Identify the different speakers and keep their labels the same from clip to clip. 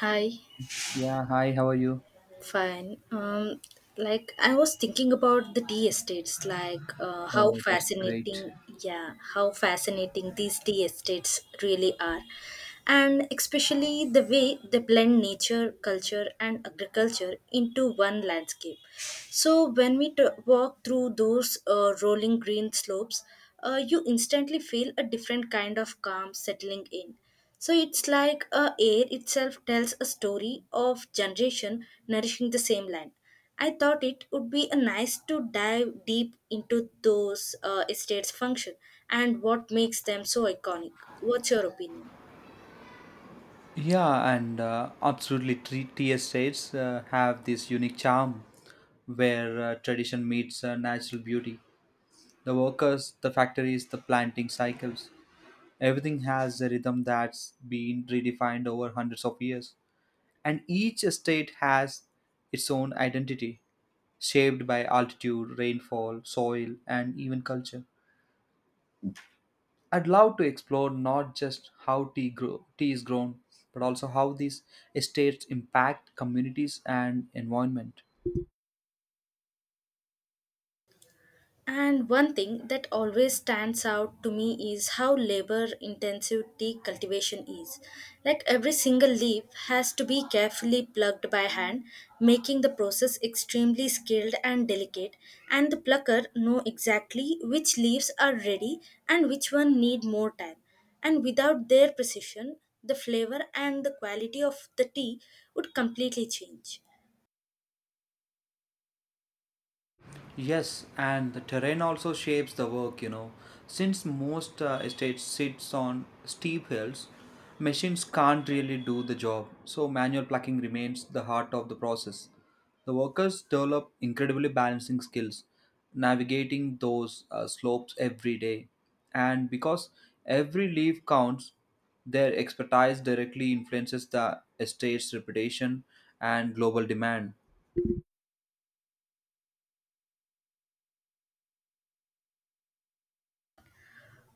Speaker 1: Hi,
Speaker 2: Yeah, hi, how are you?
Speaker 1: fine. Like I was thinking about the tea estates, how
Speaker 2: Oh, that's great.
Speaker 1: fascinating, yeah, how fascinating these tea estates really are, and especially the way they blend nature, culture, and agriculture into one landscape. So when we walk through those rolling green slopes, you instantly feel a different kind of calm settling in. So it's like air itself tells a story of generation nourishing the same land. I thought it would be a nice to dive deep into those estates' function and what makes them so iconic. What's your opinion?
Speaker 2: Yeah, and absolutely, three tier states have this unique charm where tradition meets natural beauty. The workers, the factories, the planting cycles, everything has a rhythm that's been redefined over hundreds of years. And each state has its own identity, shaped by altitude, rainfall, soil, and even culture. I'd love to explore not just tea is grown, but also how these estates impact communities and environment.
Speaker 1: And one thing that always stands out to me is how labor intensive tea cultivation is. Like every single leaf has to be carefully plucked by hand, making the process extremely skilled and delicate, and the plucker know exactly which leaves are ready and which one need more time. And without their precision, the flavor and the quality of the tea would completely change.
Speaker 2: Yes, and the terrain also shapes the work, you know. Since most estates sits on steep hills, machines can't really do the job, so manual plucking remains the heart of the process. The workers develop incredibly balancing skills, navigating those slopes every day. And because every leaf counts, their expertise directly influences the estate's reputation and global demand.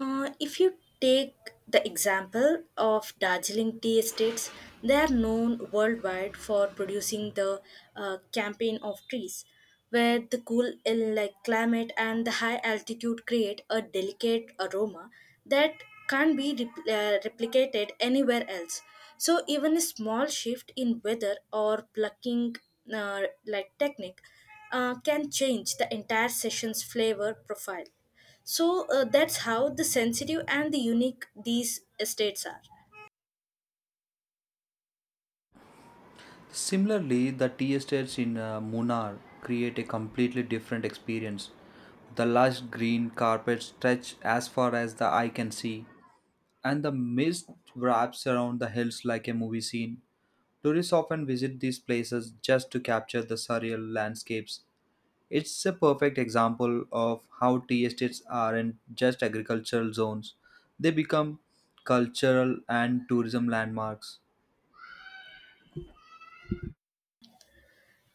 Speaker 1: If you take the example of Darjeeling tea estates, they are known worldwide for producing the campaign of trees, where the cool ill like climate and the high altitude create a delicate aroma that can't be repl- replicated anywhere else. So even a small shift in weather or plucking uh, like technique can change the entire session's flavor profile. So that's how the sensitive and the unique these estates are.
Speaker 2: Similarly, the tea estates in Munnar create a completely different experience. The lush green carpets stretch as far as the eye can see, and the mist wraps around the hills like a movie scene. Tourists often visit these places just to capture the surreal landscapes. It's a perfect example of how tea estates aren't just agricultural zones, they become cultural and tourism landmarks.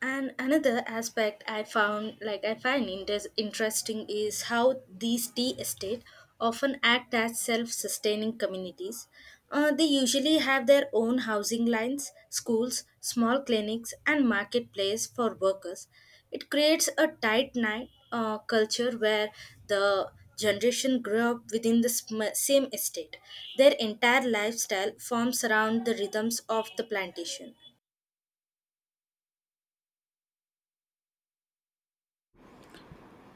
Speaker 1: And another aspect I found, like I interesting, is how these tea estate often act as self-sustaining communities. They usually have their own housing lines, schools, small clinics, and marketplace for workers. It creates a tight knit culture where the generation grew up within the same estate. Their entire lifestyle forms around the rhythms of the plantation.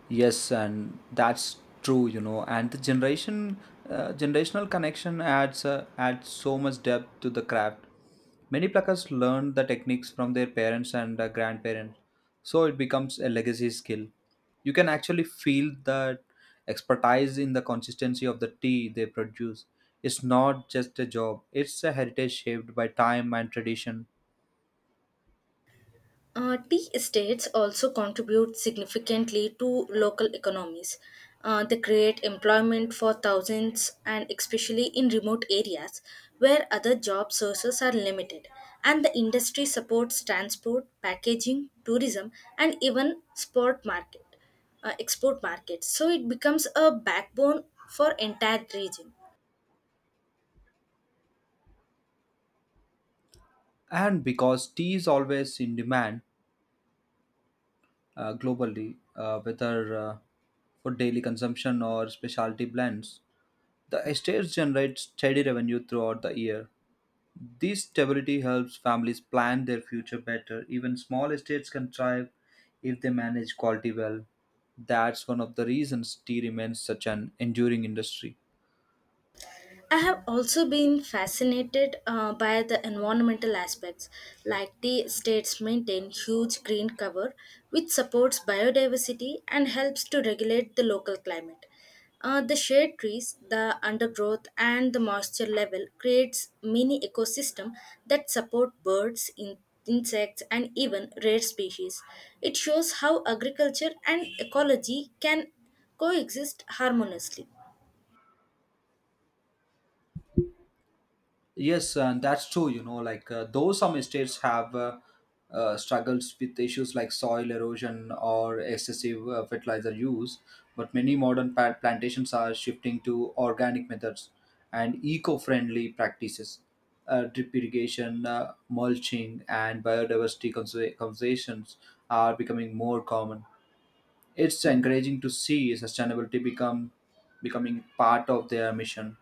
Speaker 2: Yes, and that's true, you know. And the generational connection adds so much depth to the craft. Many pluckers learned the techniques from their parents and grandparents, so it becomes a legacy skill. You can actually feel that expertise in the consistency of the tea they produce. It's not just a job; it's a heritage shaped by time and tradition.
Speaker 1: Tea estates also contribute significantly to local economies. They create employment for thousands, and especially in remote areas where other job sources are limited. And the industry supports transport, packaging, tourism, and even export markets. So it becomes a backbone for entire region.
Speaker 2: And because tea is always in demand, globally, whether for daily consumption or specialty blends. The estates generate steady revenue throughout the year. This stability helps families plan their future better. Even small estates can thrive if they manage quality well. That's one of the reasons tea remains such an enduring industry.
Speaker 1: I have also been fascinated by the environmental aspects, like the states maintain huge green cover, which supports biodiversity and helps to regulate the local climate. The shade trees, the undergrowth, and the moisture level creates mini ecosystem that support birds, insects, and even rare species. It shows how agriculture and ecology can coexist harmoniously.
Speaker 2: Yes, and that's true. You know, though some states have struggles with issues like soil erosion or excessive fertilizer use, but many modern plantations are shifting to organic methods and eco-friendly practices. Drip irrigation, mulching, and biodiversity conservations are becoming more common. It's encouraging to see sustainability become becoming part of their mission.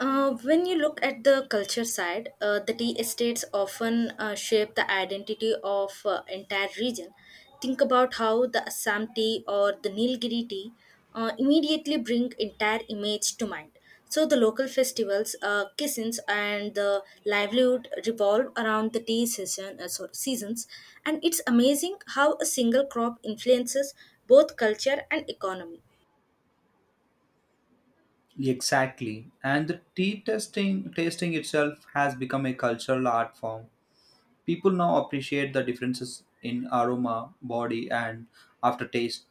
Speaker 1: When you look at the culture side, the tea estates often shape the identity of entire region. Think about how the Assam tea or the Nilgiri tea immediately bring entire image to mind. So the local festivals, kissings, and the livelihood revolve around the seasons, and it's amazing how a single crop influences both culture and economy.
Speaker 2: Exactly. And the tea testing tasting itself has become a cultural art form. People now appreciate the differences in aroma, body and aftertaste,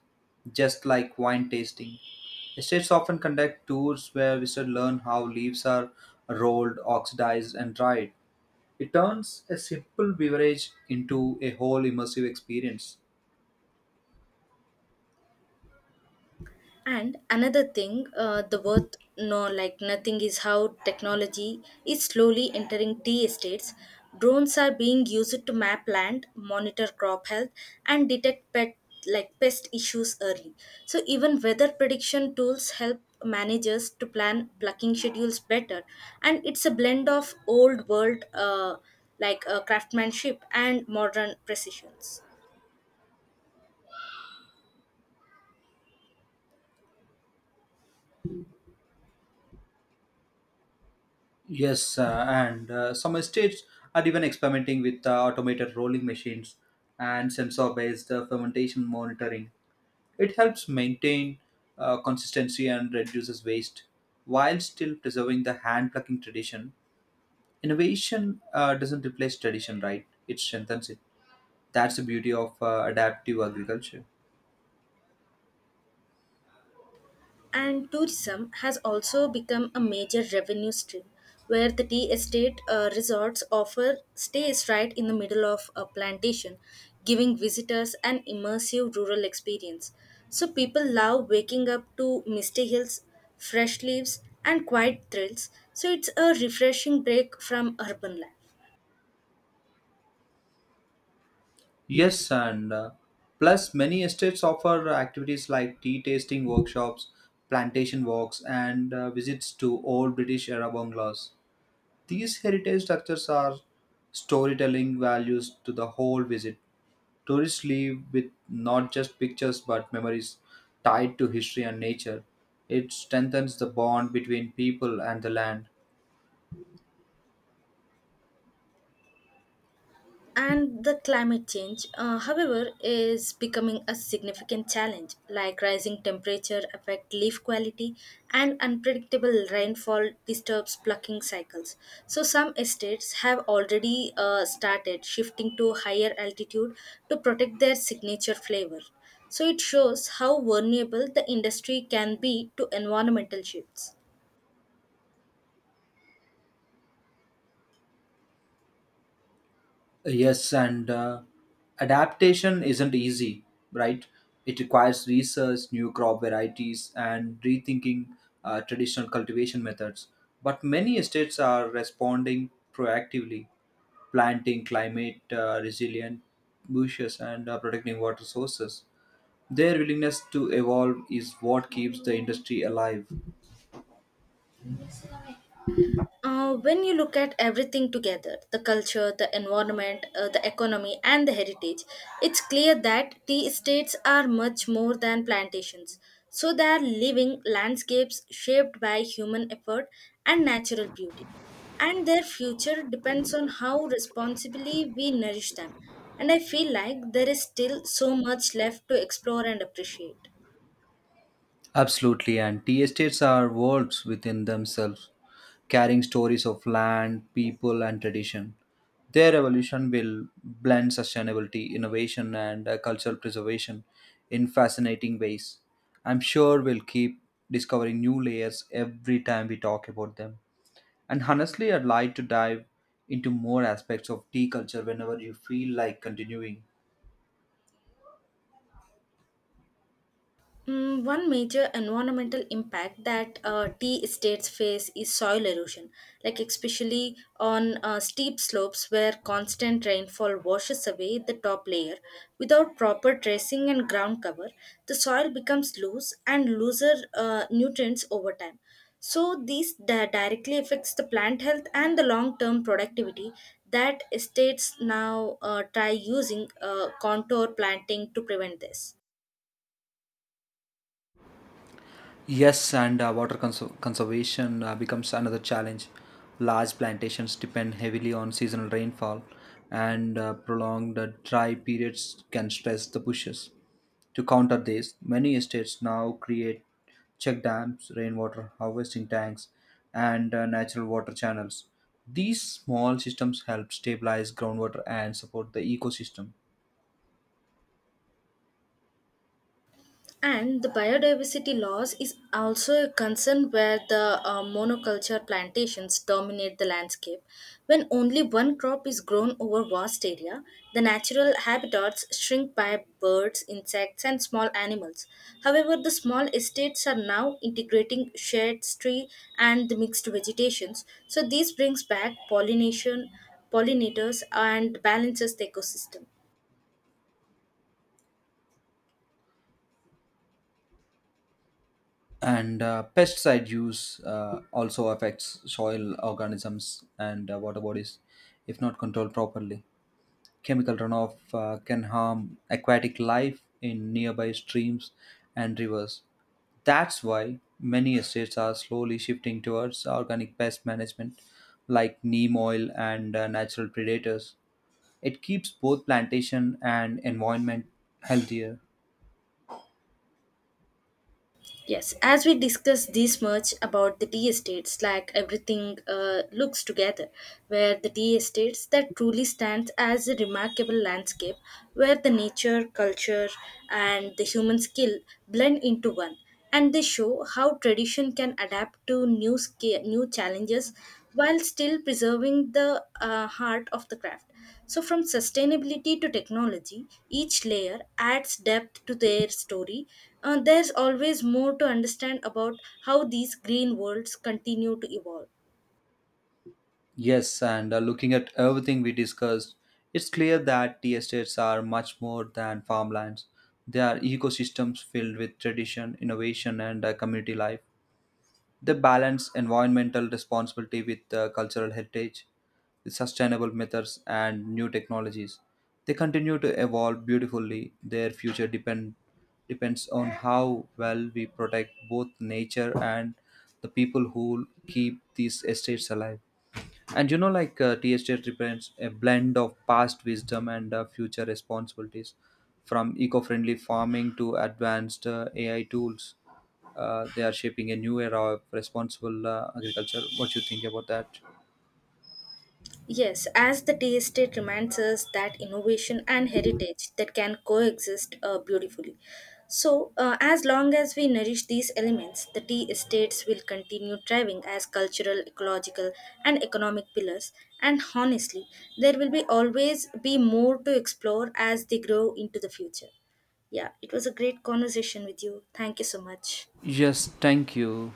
Speaker 2: just like wine tasting. Estates often conduct tours where visitors learn how leaves are rolled, oxidized and dried. It turns a simple beverage into a whole immersive experience.
Speaker 1: And another thing, the worth no like nothing is how technology is slowly entering tea estates. Drones are being used to map land, monitor crop health, and detect pet like pest issues early. So even weather prediction tools help managers to plan plucking schedules better. And it's a blend of old world craftsmanship and modern precisions.
Speaker 2: Yes, and some states are even experimenting with automated rolling machines and sensor-based fermentation monitoring. It helps maintain consistency and reduces waste while still preserving the hand plucking tradition. Innovation doesn't replace tradition, right? It strengthens it. That's the beauty of adaptive agriculture.
Speaker 1: And tourism has also become a major revenue stream, where the tea estate resorts offer stays right in the middle of a plantation, giving visitors an immersive rural experience. So people love waking up to misty hills, fresh leaves, and quiet thrills. So it's a refreshing break from urban life.
Speaker 2: Yes, and plus many estates offer activities like tea tasting workshops, plantation walks, and visits to old British era bungalows. These heritage structures are storytelling values to the whole visit. Tourists leave with not just pictures but memories tied to history and nature. It strengthens the bond between people and the land.
Speaker 1: And the climate change however is becoming a significant challenge like rising temperature affect leaf quality and unpredictable rainfall disturbs plucking cycles, so some estates have already started shifting to higher altitude to protect their signature flavor. So it shows how vulnerable the industry can be to environmental shifts.
Speaker 2: Yes, and adaptation isn't easy, right? It requires research, new crop varieties, and rethinking traditional cultivation methods. But many states are responding proactively, planting climate resilient bushes and protecting water sources. Their willingness to evolve is what keeps the industry alive.
Speaker 1: When you look at everything together the culture, the environment, the economy, and the heritage, it's clear that tea estates are much more than plantations. So they are living landscapes shaped by human effort and natural beauty. And their future depends on how responsibly we nourish them. And I feel like there is still so much left to explore and appreciate.
Speaker 2: Absolutely, and tea estates are worlds within themselves, carrying stories of land, people, and tradition. Their evolution will blend sustainability, innovation, and cultural preservation in fascinating ways. I'm sure we'll keep discovering new layers every time we talk about them. And honestly, I'd like to dive into more aspects of tea culture whenever you feel like continuing.
Speaker 1: One major environmental impact that tea estates face is soil erosion, like especially on steep slopes where constant rainfall washes away the top layer. Without proper dressing and ground cover, the soil becomes loose and looser nutrients over time. So these directly affects the plant health and the long-term productivity that estates now try using contour planting to prevent this.
Speaker 2: Yes, and water conservation becomes another challenge. Large plantations depend heavily on seasonal rainfall, and prolonged dry periods can stress the bushes. To counter this, many estates now create check dams, rainwater harvesting tanks, and natural water channels. These small systems help stabilize groundwater and support the ecosystem.
Speaker 1: And the biodiversity loss is also a concern where the monoculture plantations dominate the landscape. When only one crop is grown over vast area, the natural habitats shrink by birds, insects, and small animals. However, the small estates are now integrating shades, tree, and the mixed vegetations. So this brings back pollination, pollinators, and balances the ecosystem.
Speaker 2: And pesticide use also affects soil organisms and water bodies if not controlled properly, chemical runoff can harm aquatic life in nearby streams and rivers. That's why many states are slowly shifting towards organic pest management like neem oil and natural predators. It keeps both plantation and environment healthier.
Speaker 1: Yes, as we discuss this much about the tea estates, like everything looks together, where the tea estates that truly stands as a remarkable landscape, where the nature, culture, and the human skill blend into one, and they show how tradition can adapt to new challenges while still preserving the heart of the craft. So, from sustainability to technology, each layer adds depth to their story. There's always more to understand about how these green worlds continue to evolve.
Speaker 2: Yes, and looking at everything we discussed, it's clear that tea estates are much more than farmlands. They are ecosystems filled with tradition, innovation, and community life. They balance environmental responsibility with cultural heritage, with sustainable methods, and new technologies. They continue to evolve beautifully. Their depends on how well we protect both nature and the people who keep these estates alive. And you know, TST represents a blend of past wisdom and future responsibilities, from eco-friendly farming to advanced AI tools. They are shaping a new era of responsible agriculture. What you think about that?
Speaker 1: Yes, as the tea estate reminds us that innovation and heritage that can coexist beautifully. So, as long as we nourish these elements, the tea estates will continue thriving as cultural, ecological, and economic pillars. And honestly, there will be always be more to explore as they grow into the future. Yeah, it was a great conversation with you. Thank you so much.
Speaker 2: Yes, thank you.